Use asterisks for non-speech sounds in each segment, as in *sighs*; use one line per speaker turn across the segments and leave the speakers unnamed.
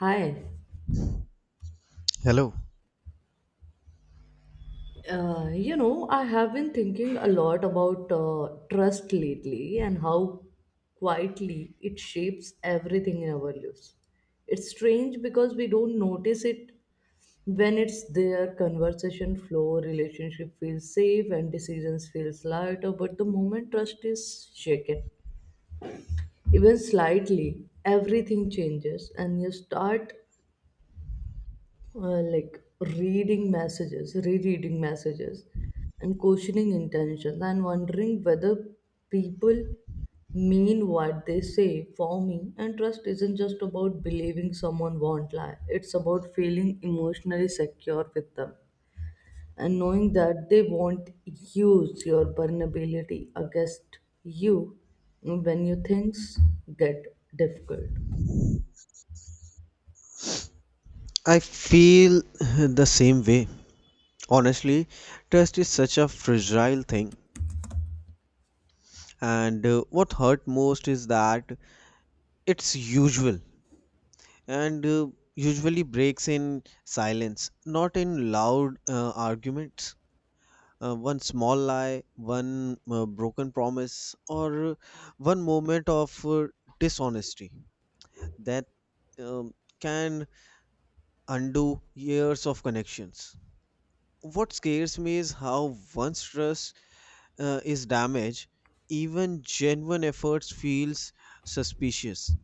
Hi.
Hello.
I have been thinking a lot about trust lately and how quietly it shapes everything in our lives. It's strange because we don't notice it when it's there. Conversation flow, relationship feels safe, and decisions feels lighter. But the moment trust is shaken, even slightly, everything changes, and you start uh, like reading messages, rereading messages, and questioning intentions, and wondering whether people mean what they say for me. And trust isn't just about believing someone won't lie, it's about feeling emotionally secure with them and knowing that they won't use your vulnerability against you when you things get difficult.
I feel the same way. Honestly, trust is such a fragile thing, and what hurt most is that it's usual and uh, usually breaks in silence, not in loud arguments. One small lie, one broken promise, or uh, one moment of dishonesty that um, can undo years of connections. What scares me is how once trust is damaged, even genuine efforts feels suspicious.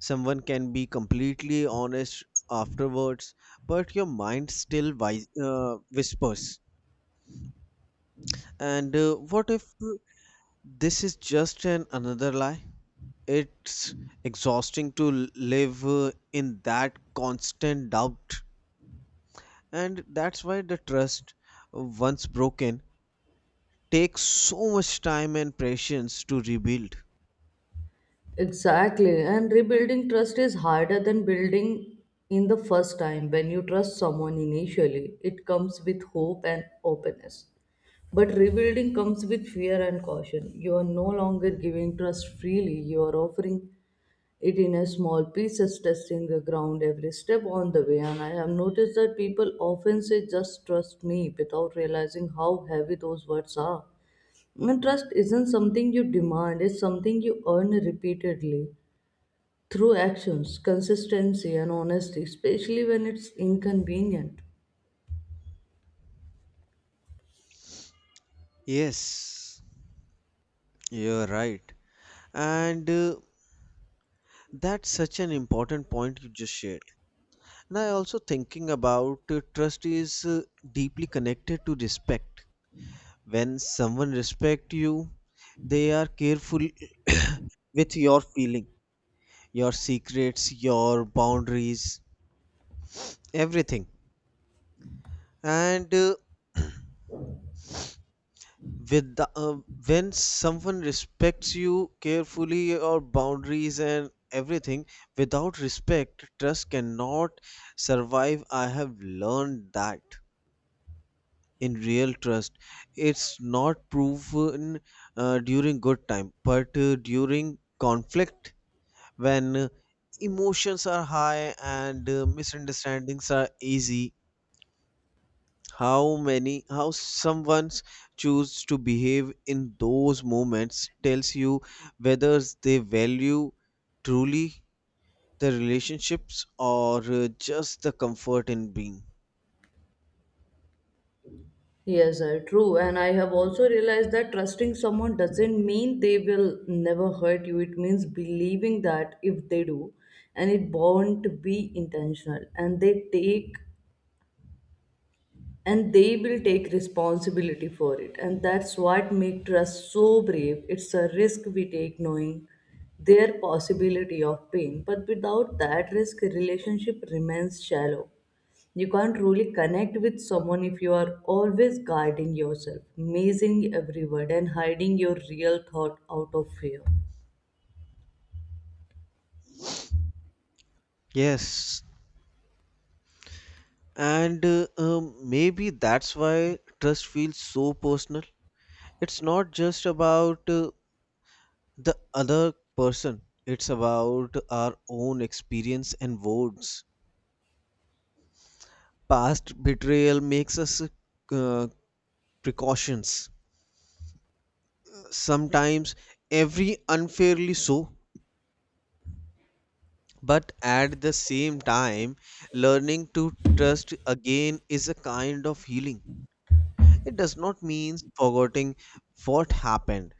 Someone can be completely honest afterwards, but your mind still whispers, and what if this is just an another lie? It's exhausting to live in that constant doubt, and that's why the trust, once broken, takes so much time and patience to rebuild.
Exactly. And rebuilding trust is harder than building in the first time. When you trust someone initially, it comes with hope and openness. But rebuilding comes with fear and caution. You are no longer giving trust freely, you are offering it in a small pieces, testing the ground every step on the way. And I have noticed that people often say, just trust me, without realizing how heavy those words are. And trust isn't something you demand, it's something you earn repeatedly through actions, consistency, and honesty, especially when it's inconvenient.
Yes, you're right. And that's such an important point you just shared. And I also thinking about trust is deeply connected to respect. When someone respect you, they are careful *coughs* with your feeling, your secrets, your boundaries, everything. And with the, uh, when someone respects you carefully your boundaries and everything. Without respect, trust cannot survive. I have learned that in real trust, it's not proven during good time, but during conflict, when emotions are high and misunderstandings are easy. How someone's choose to behave in those moments tells you whether they value truly the relationships, or just the comfort in being.
Yes, sir, true. And I have also realized that trusting someone doesn't mean they will never hurt you. It means believing that if they do, and it won't be intentional, and they will take responsibility for it, and that's what makes trust so brave. It's a risk we take knowing their possibility of pain, but without that risk relationship remains shallow. You can't really connect with someone if you are always guarding yourself, mazing every word, and hiding your real thought out of fear.
Yes, and maybe that's why trust feels so personal. It's not just about the other person, it's about our own experience and words. Past betrayal makes us uh, precautions sometimes, every unfairly so, but at the same time, learning to trust again is a kind of healing. It does not mean forgetting what happened,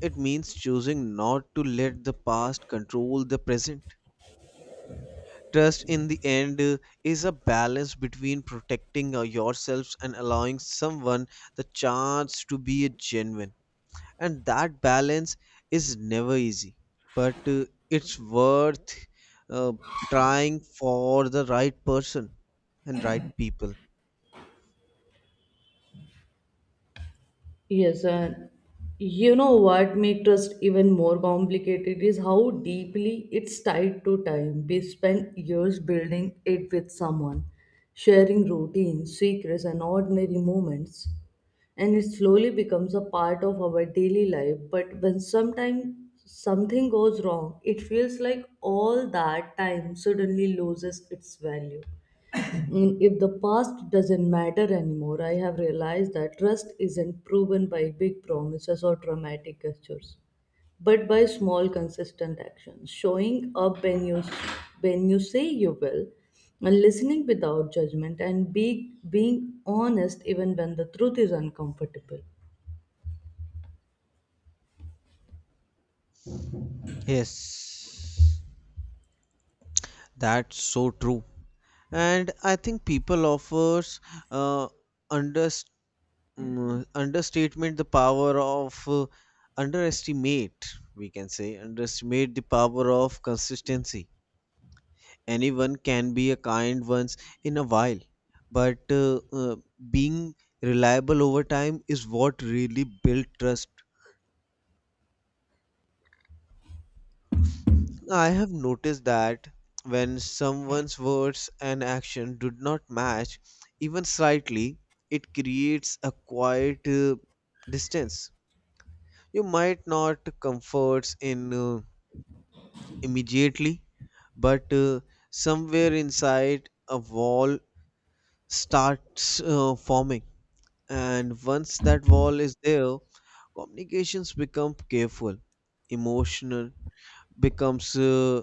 it means choosing not to let the past control the present. Trust, in the end, is a balance between protecting yourselves and allowing someone the chance to be genuine, and that balance is never easy, but it's worth uh, trying for the right person and right people.
Yes, and you know what makes trust even more complicated is how deeply it's tied to time. We spend years building it with someone, sharing routines, secrets, and ordinary moments. And it slowly becomes a part of our daily life. But when sometimes something goes wrong, it feels like all that time suddenly loses its value. And if the past doesn't matter anymore, I have realized that trust isn't proven by big promises or dramatic gestures, but by small, consistent actions. Showing up when you say you will, and listening without judgment, and being honest even when the truth is uncomfortable.
Yes, that's so true. And I think people offers uh, under understatement the power of underestimate we can say underestimate the power of consistency. Anyone can be a kind once in a while, but being reliable over time is what really builds trust. I have noticed that when someone's words and action do not match, even slightly, it creates a quiet distance. You might not comfort in immediately, but somewhere inside a wall starts forming. And once that wall is there, communications become careful, emotional, becomes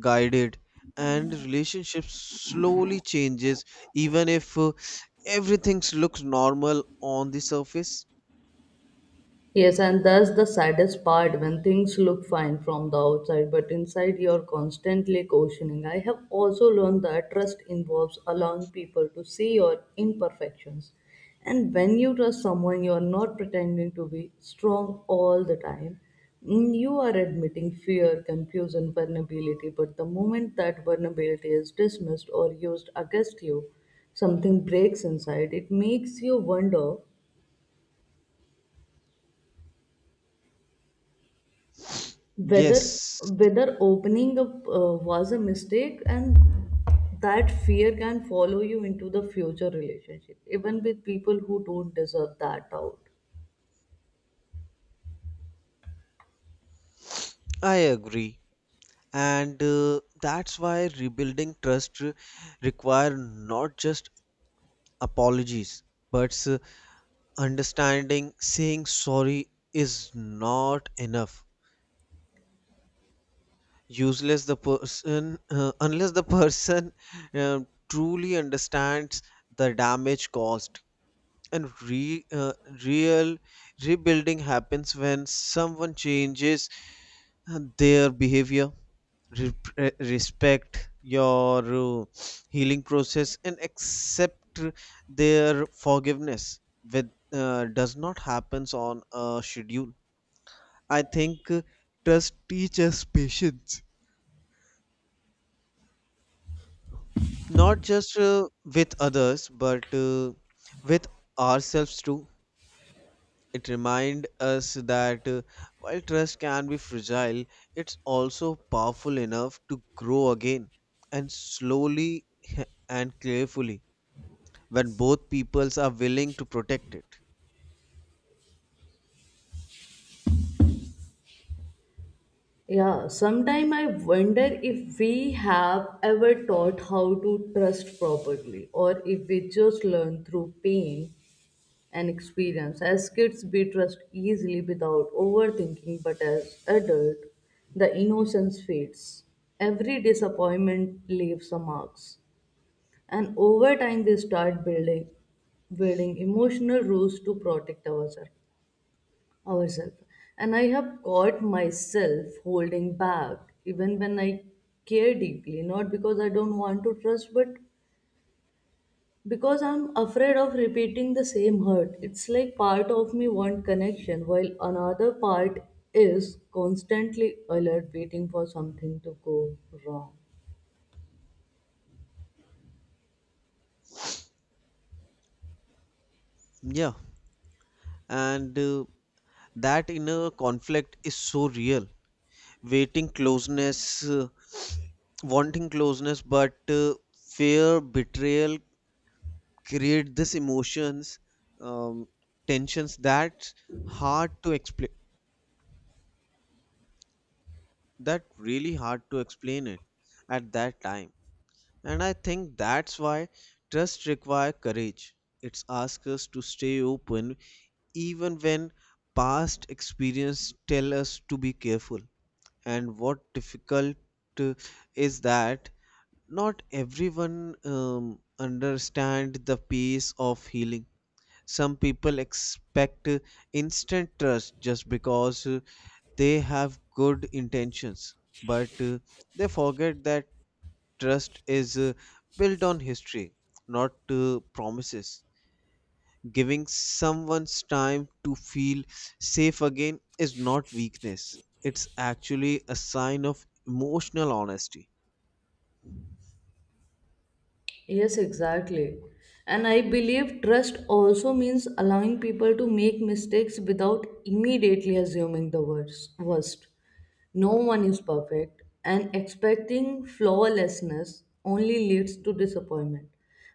guided, and relationships slowly changes, even if everything looks normal on the surface.
Yes, and that's the saddest part when things look fine from the outside, but inside you're constantly questioning. I have also learned that trust involves allowing people to see your imperfections. And when you trust someone, you're not pretending to be strong all the time. Mm. You are admitting fear, confusion, vulnerability, but the moment that vulnerability is dismissed or used against you, something breaks inside. It makes you wonder whether
Yes,
whether opening up was a mistake, and that fear can follow you into the future relationship even with people who don't deserve that out.
I agree. And that's why rebuilding trust require not just apologies, but understanding. Saying sorry is not enough, useless the person unless the person *laughs* uh, truly understands the damage caused and real rebuilding happens when someone changes their behavior, respect your healing process, and accept their forgiveness with. Does not happens on a schedule. I think trust teaches patience, not just with others, but with ourselves too. It reminds us that while trust can be fragile, it's also powerful enough to grow again, and slowly *laughs* and carefully when both peoples are willing to protect it.
Yeah, sometime I wonder if we have ever taught how to trust properly, or if we just learn through pain and experience. As kids, we trust easily without overthinking, but as adult, the innocence fades. Every disappointment leaves a marks, and over time, we start building emotional rules to protect ourselves. Ourselves, and I have caught myself holding back even when I care deeply, not because I don't want to trust, but because I'm afraid of repeating the same hurt. It's like part of me want connection while another part is constantly alert waiting for something to go wrong.
Yeah, and that inner conflict is so real. Waiting closeness Wanting closeness but fear betrayal create this emotions, um, tensions that's hard to explain, that really hard to explain it at that time. And I think that's why trust require courage. It's ask us to stay open even when past experience tell us to be careful. And what difficult uh, is that not everyone understand the pace of healing. Some people expect instant trust just because they have good intentions, but they forget that trust is built on history, not promises. Giving someone's time to feel safe again is not weakness, it's actually a sign of emotional honesty.
Yes, exactly. And I believe trust also means allowing people to make mistakes without immediately assuming the worst. No one is perfect, and expecting flawlessness only leads to disappointment.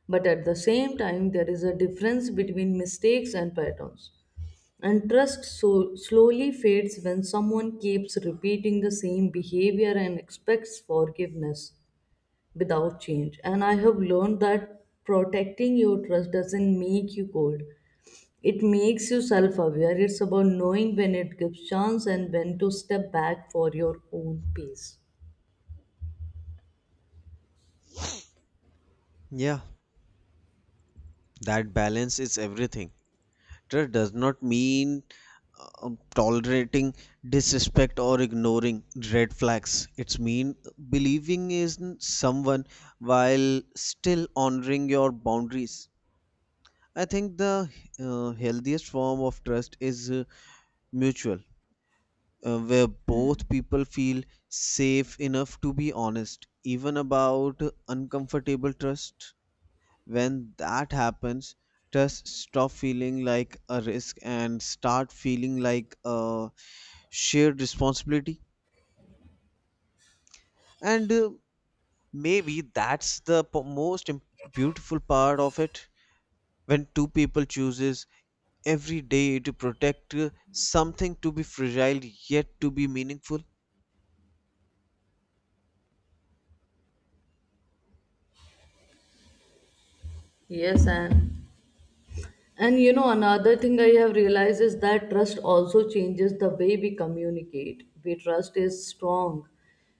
But at the same time, there is a difference between mistakes and patterns. And trust so slowly fades when someone keeps repeating the same behavior and expects forgiveness without change. And I have learned that protecting your trust doesn't make you cold. It makes you self aware. It's about knowing when it gives chance and when to step back for your own peace.
Yeah, that balance is everything. Trust does not mean tolerating disrespect or ignoring red flags. It's mean believing in someone while still honoring your boundaries. I think the healthiest form of trust is mutual, where both people feel safe enough to be honest, even about uncomfortable trust. When that happens, just stop feeling like a risk and start feeling like a shared responsibility. And maybe that's the beautiful part of it, when two people chooses every day to protect something to be fragile yet to be meaningful.
Yes, and you know, another thing I have realized is that trust also changes the way we communicate. We trust is strong,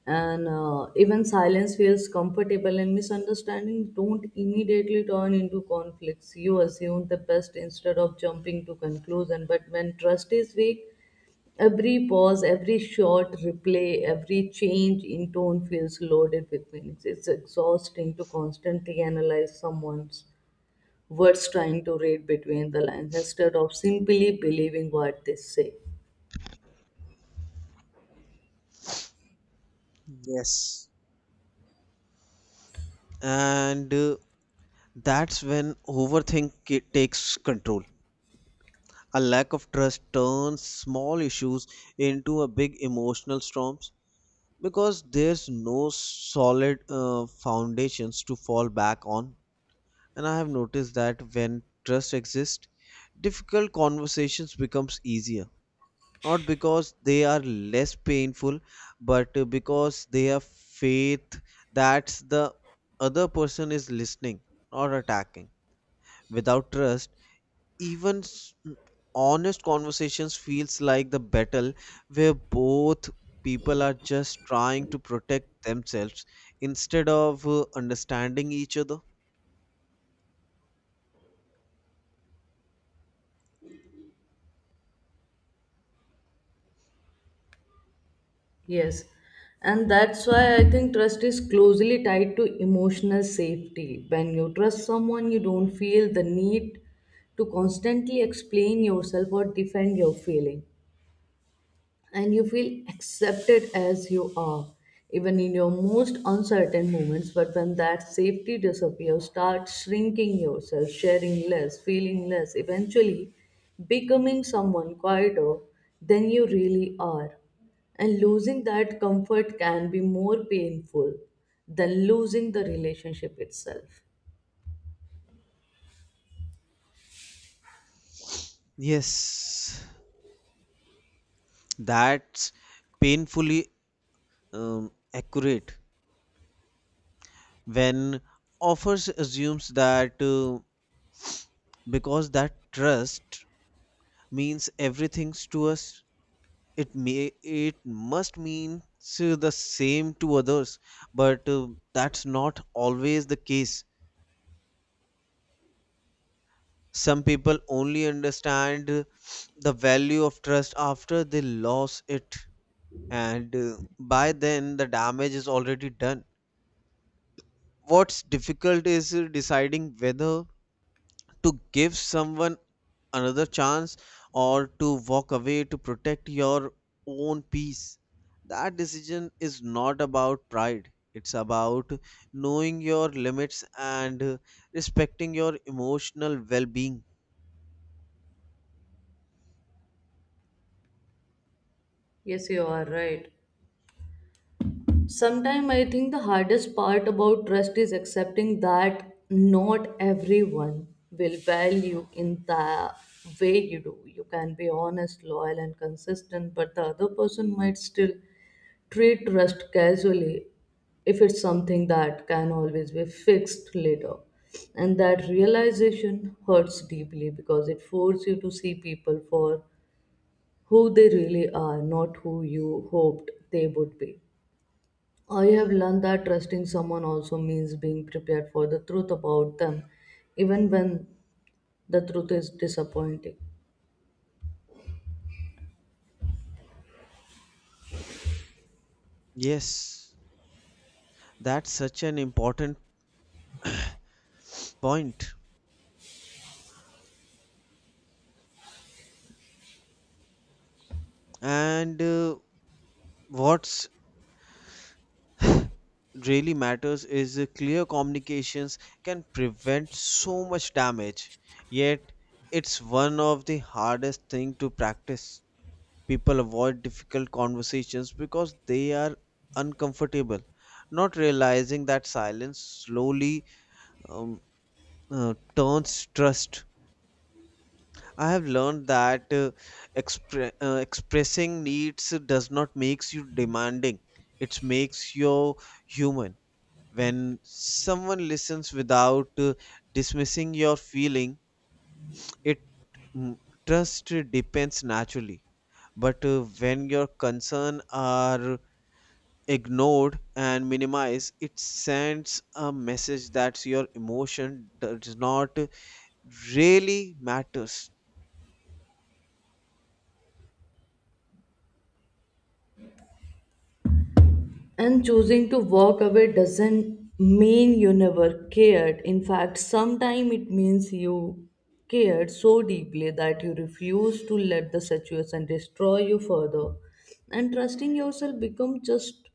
and even silence feels comfortable, and misunderstandings don't immediately turn into conflicts. You assume the best instead of jumping to conclusion. But when trust is weak, every pause, every short replay, every change in tone feels loaded with meanings. It's exhausting to constantly analyze someone's words trying to read between the lines instead of simply believing what they say.
Yes, and that's when takes control. A lack of trust turns small issues into a big emotional storms, because there's no solid foundations to fall back on. And I have noticed that when trust exists, difficult conversations becomes easier. Not because they are less painful, but because they have faith that the other person is listening or attacking. Without trust, even honest conversations feels like the battle, where both people are just trying to protect themselves instead of understanding each other.
Yes, and that's why I think trust is closely tied to emotional safety. When you trust someone, you don't feel the need to constantly explain yourself or defend your feeling, and you feel accepted as you are, even in your most uncertain moments. But when that safety disappears, start shrinking yourself, sharing less, feeling less, eventually becoming someone quieter than you really are. And losing that comfort can be more painful than losing the relationship itself.
Yes, that's painfully accurate. When offers assumes that because that trust means everything to us, it must mean the same to others, but that's not always the case. Some people only understand the value of trust after they lose it, and by then the damage is already done. What's difficult is deciding whether to give someone another chance, or to walk away to protect your own peace. That decision is not about pride, it's about knowing your limits and respecting your emotional well being.
Yes, you are right. Sometimes I think the hardest part about trust is accepting that not everyone will value in the way you do. You can be honest, loyal, and consistent, but the other person might still treat trust casually if it's something that can always be fixed later. And that realization hurts deeply because it forces you to see people for who they really are, not who you hoped they would be. I have learned that trusting someone also means being prepared for the truth about them, even when the truth is disappointing.
Yes, that's such an important point. And what's *sighs* really matters is clear communications can prevent so much damage, yet it's one of the hardest thing to practice. People avoid difficult conversations because they are uncomfortable, not realizing that silence slowly um, turns trust. I have learned that expressing needs does not makes you demanding, it makes you human. When someone listens without dismissing your feeling, it mm, trust depends naturally. But when your concern are ignored and minimized, it sends a message that your emotion does not really matters.
And choosing to walk away doesn't mean you never cared. In fact, sometimes it means you cared so deeply that you refuse to let the situation destroy you further. And trusting yourself becomes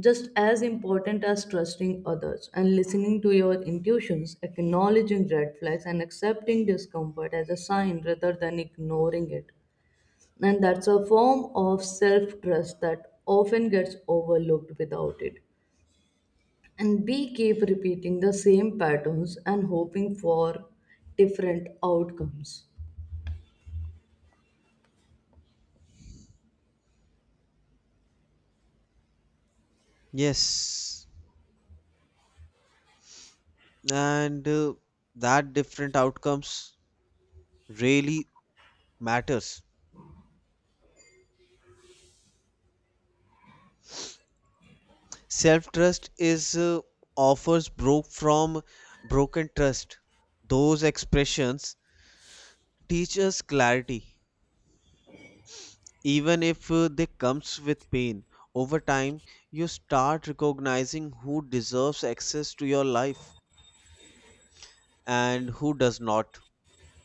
just as important as trusting others, and listening to your intuitions, acknowledging red flags, and accepting discomfort as a sign rather than ignoring it. And that's a form of self trust that often gets overlooked without it. And we keep repeating the same patterns and hoping for different outcomes.
Yes, and that different outcomes really matters. Self trust is offers broke from broken trust. Those expressions teach us clarity, even if they comes with pain. Over time, you start recognizing who deserves access to your life and who does not.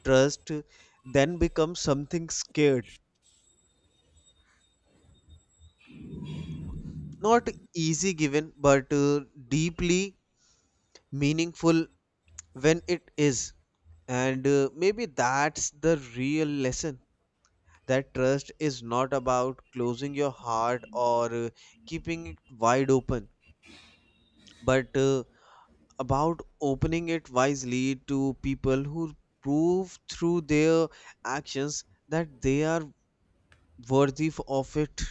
Trust then becomes something scared, not easy given, but deeply meaningful when it is. And maybe that's the real lesson, that trust is not about closing your heart or keeping it wide open, but about opening it wisely to people who prove through their actions that they are worthy of it.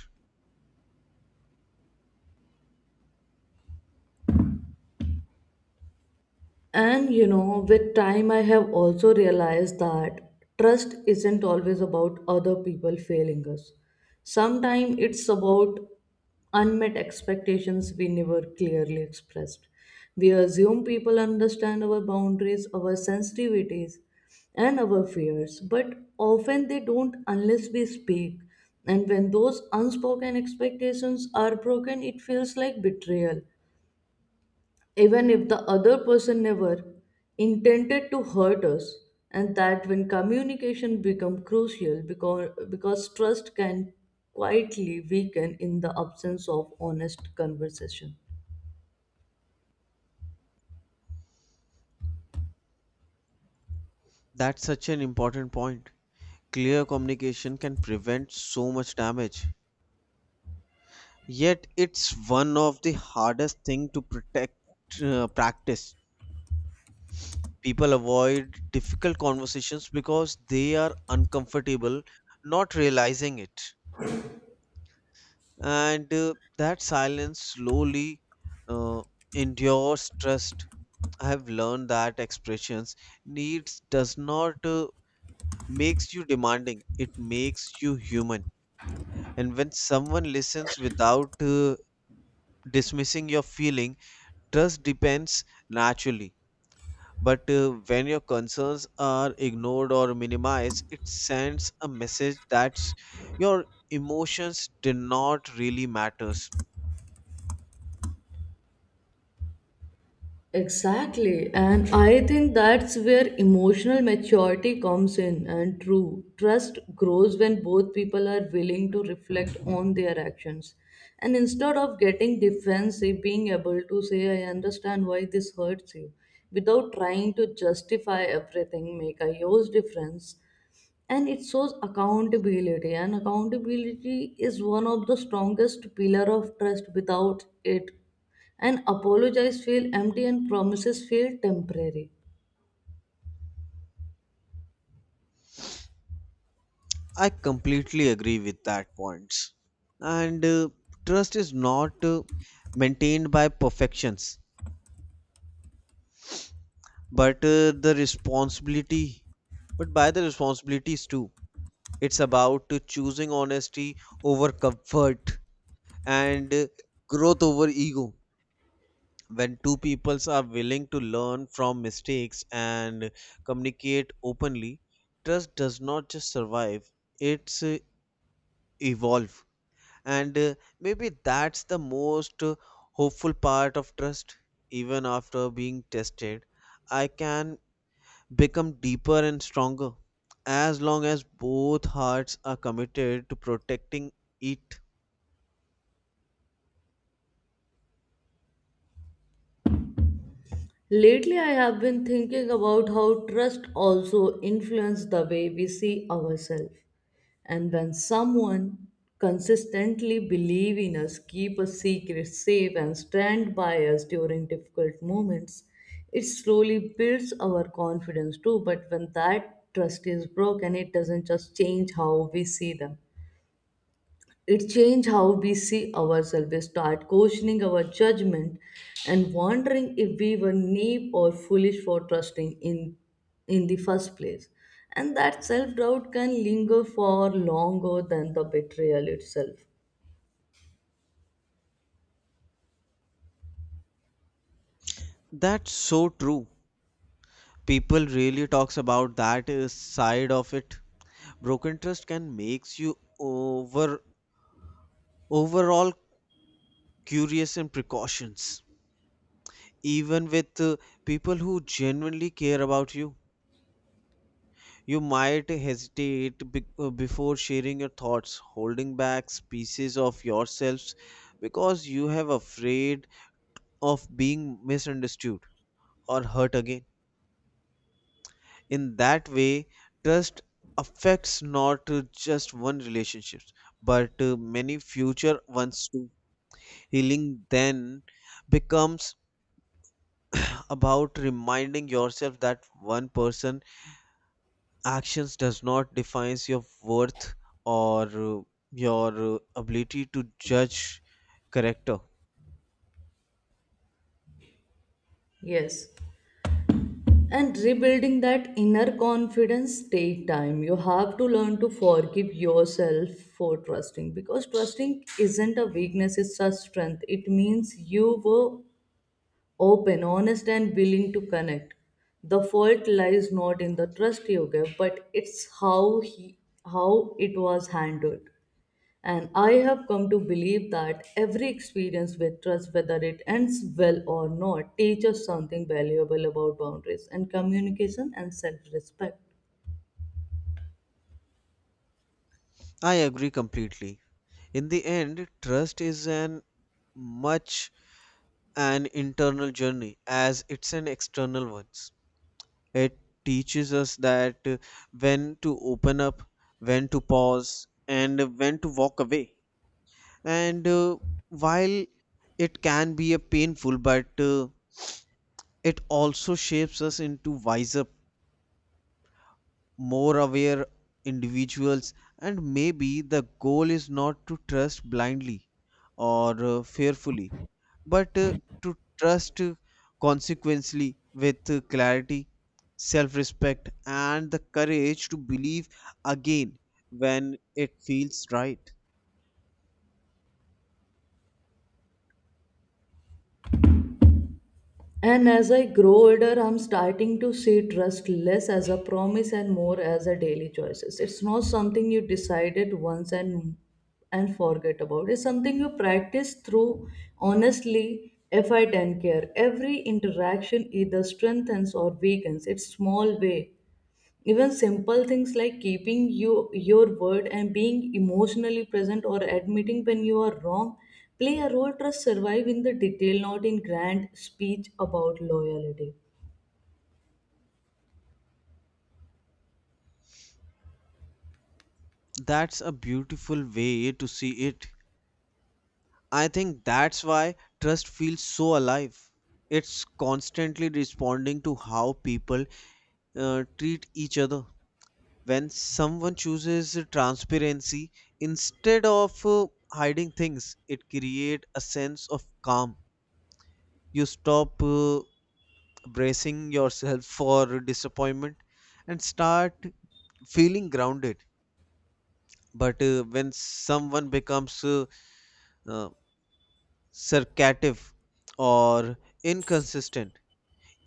And you know, with time, I have also realized that trust isn't always about other people failing us. Sometimes it's about unmet expectations we never clearly expressed. We assume people understand our boundaries, our sensitivities, and our fears, but often they don't unless we speak. And when those unspoken expectations are broken, it feels like betrayal even if the other person never intended to hurt us, and that when communication become crucial because trust can quietly weaken in the absence of honest conversation.
That's such an important point. Clear communication can prevent so much damage, yet it's one of the hardest thing to protect, practice. People avoid difficult conversations because they are uncomfortable, not realizing it. And that silence slowly uh, endures trust. I have learned that expressions needs does not makes you demanding, it makes you human. And when someone listens without dismissing your feeling, trust depends naturally. But when your concerns are ignored or minimized, it sends a message that your emotions do not really matters.
Exactly. And I think that's where emotional maturity comes in and true. Trust grows when both people are willing to reflect on their actions. And instead of getting defensive, being able to say, I understand why this hurts you, without trying to justify everything, make a huge difference, and it shows accountability. And accountability is one of the strongest pillar of trust. Without it, and apologize feel empty and promises feel temporary.
I completely agree with that points. And trust is not maintained by perfections, but by the responsibilities too. It's about choosing honesty over comfort and growth over ego. When two peoples are willing to learn from mistakes and communicate openly, trust does not just survive, it's evolve. And maybe that's the most hopeful part of trust. Even after being tested, I can become deeper and stronger as long as both hearts are committed to protecting it.
Lately I have been thinking about how trust also influences the way we see ourselves. And when someone consistently believe in us, keep a secret safe, and stand by us during difficult moments, it slowly builds our confidence too. But when that trust is broken, it doesn't just change how we see them, it changes how we see ourselves. We start questioning our judgment and wondering if we were naive or foolish for trusting in the first place. And that self doubt can linger for longer than the betrayal itself.
That's so true. People really talks about that side of it. Broken trust can makes you over overall curious and precautions, even with people who genuinely care about you. You might hesitate before sharing your thoughts, holding back pieces of yourselves, because you have afraid of being misunderstood or hurt again. In that way, trust affects not just one relationships, but many future ones too. Healing then becomes about reminding yourself that one person actions does not define your worth, or your ability to judge character.
Yes. And rebuilding that inner confidence take time. You have to learn to forgive yourself for trusting, because trusting isn't a weakness, it's a strength. It means you were open, honest, and willing to connect. The fault lies not in the trust you gave, but it's how it was handled. And I have come to believe that every experience with trust, whether it ends well or not, teaches something valuable about boundaries and communication and self-respect.
I agree completely. In the end, trust is an much an internal journey as it's an external one. It teaches us that when to open up, when to pause, and when to walk away. And while it can be a painful, but it also shapes us into wiser, more aware individuals. And maybe the goal is not to trust blindly, or fearfully, but to trust consequently, with clarity, self-respect, and the courage to believe again when it feels right.
And as I grow older, I'm starting to see trust less as a promise and more as a daily choices. It's not something you decided once and forget about. It's something you practice through honestly effort and care. Every interaction either strengthens or weakens. It's small way. Even simple things like your word, and being emotionally present, or admitting when you are wrong play a role. Trust survive in the detail, not in grand speech about loyalty.
That's a beautiful way to see it. I think that's why trust feels so alive. It's constantly responding to how people treat each other. When someone chooses transparency instead of hiding things, it creates a sense of calm. You stop bracing yourself for disappointment and start feeling grounded. But when someone becomes uh, sarcative or inconsistent,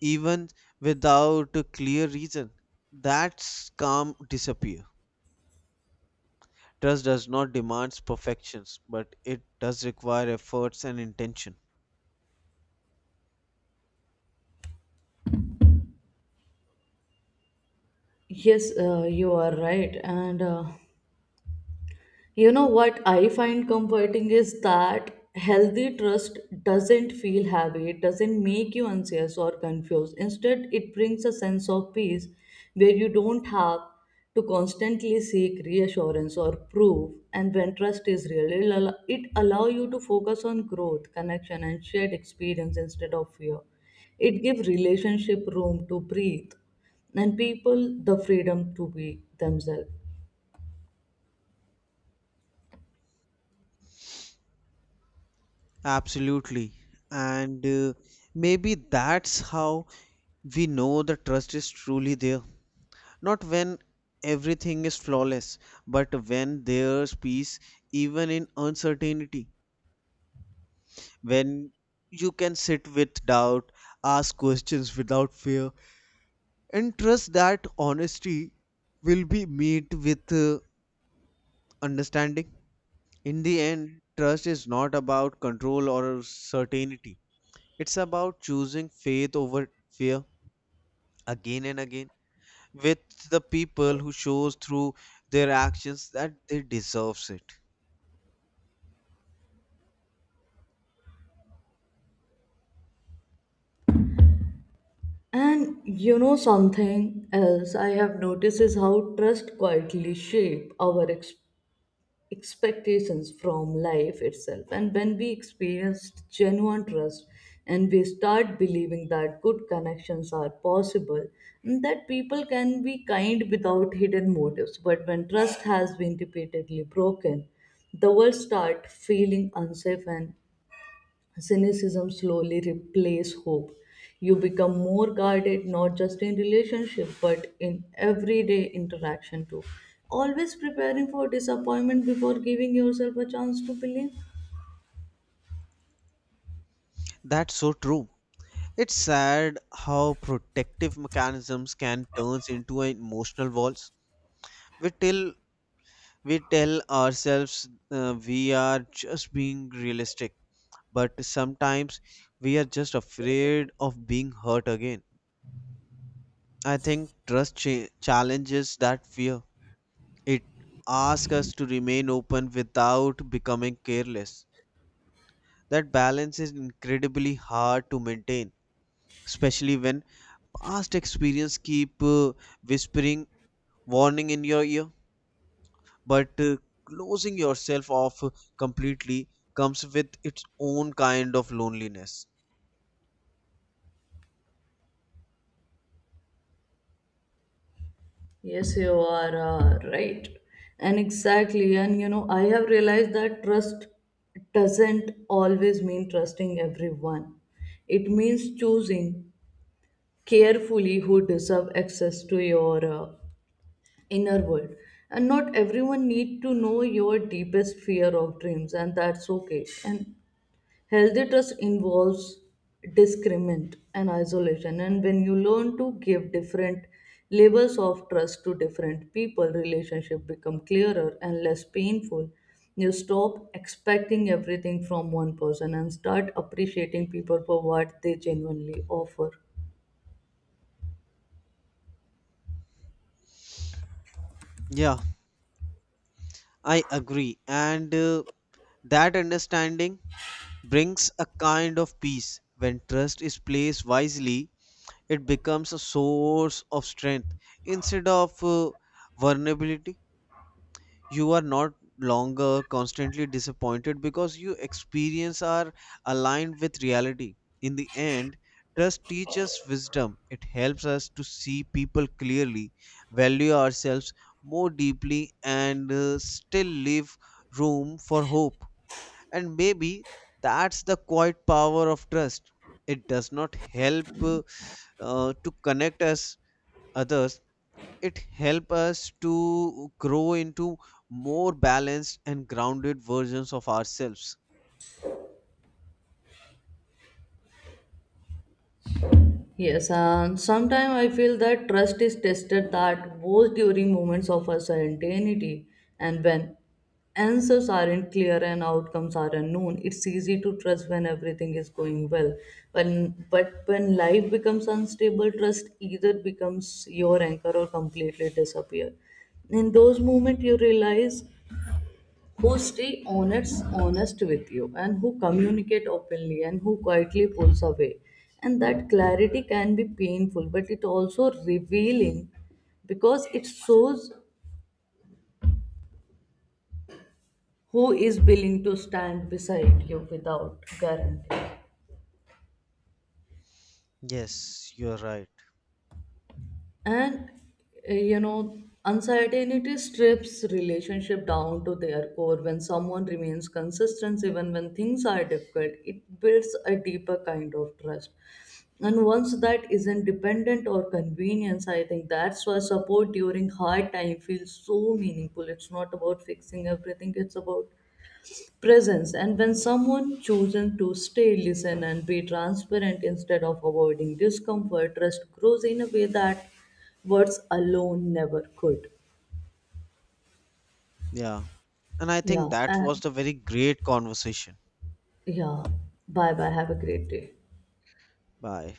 even without a clear reason, that's calm disappear. Trust does not demand perfections, but it does require efforts and intention.
Yes, you are right, and you know what I find comforting is that healthy trust doesn't feel heavy, it doesn't make you anxious or confused. Instead, it brings a sense of peace where you don't have to constantly seek reassurance or proof. And when trust is real, it allow you to focus on growth, connection, and shared experience instead of fear. It gives relationship room to breathe, and people the freedom to be themselves.
Absolutely. And maybe that's how we know the trust is truly there. Not when everything is flawless, but when there's peace, even in uncertainty. When you can sit with doubt, ask questions without fear, and trust that honesty will be met with understanding. In the end, trust is not about control or certainty. It's about choosing faith over fear, again and again, with the people who shows through their actions that they deserves it.
And you know something else I have noticed is how trust quietly shape our expectations from life itself. And when we experience genuine trust, and we start believing that good connections are possible, and that people can be kind without hidden motives. But when trust has been repeatedly broken, the world start feeling unsafe and cynicism slowly replace hope. You become more guarded, not just in relationship but in everyday interaction too, always preparing for disappointment before giving yourself a chance to believe.
That's so true. It's sad how protective mechanisms can turn into an emotional walls. We tell we tell ourselves we are just being realistic, but sometimes we are just afraid of being hurt again. I think trust challenges that fear. It asks us to remain open without becoming careless. That balance is incredibly hard to maintain, especially when past experience keep whispering warning in your ear, but closing yourself off completely comes with its own kind of loneliness.
Yes, you are right. And exactly. And you know, I have realized that trust doesn't always mean trusting everyone. It means choosing carefully who deserve access to your inner world, and not everyone need to know your deepest fear of dreams, and that's okay. And healthy trust involves discriminant and isolation, and when you learn to give different levels of trust to different people, relationship become clearer and less painful. You stop expecting everything from one person and start appreciating people for what they genuinely offer.
Yeah, I agree. And that understanding brings a kind of peace. When trust is placed wisely, it becomes a source of strength instead of vulnerability. You are not longer constantly disappointed because your experience are aligned with reality. In the end, trust teaches wisdom. It helps us to see people clearly, value ourselves more deeply, and still leave room for hope. And maybe that's the quiet power of trust. It does not help to connect us others, it helps us to grow into more balanced and grounded versions of ourselves.
Yes, and sometimes I feel that trust is tested that both during moments of uncertainty and when answers aren't clear and outcomes are unknown. It's easy to trust when everything is going well. When, but when life becomes unstable, trust either becomes your anchor or completely disappear. In those moments, you realize who stay honest with you, and who communicate openly, and who quietly pulls away. And that clarity can be painful, but it also revealing, because it shows who is willing to stand beside you without guarantee.
Yes, you're right.
And you know, uncertainty strips relationship down to their core. When someone remains consistent even when things are difficult, it builds a deeper kind of trust, and once that isn't dependent or convenience. I think that's why support during hard time feels so meaningful. It's not about fixing everything, it's about presence. And when someone chosen to stay, listen, and be transparent instead of avoiding discomfort, trust grows in a way that words alone never could.
Yeah, and I think
yeah
that was
and
the very great conversation.
yeah Bye bye, have a great day.
Bye.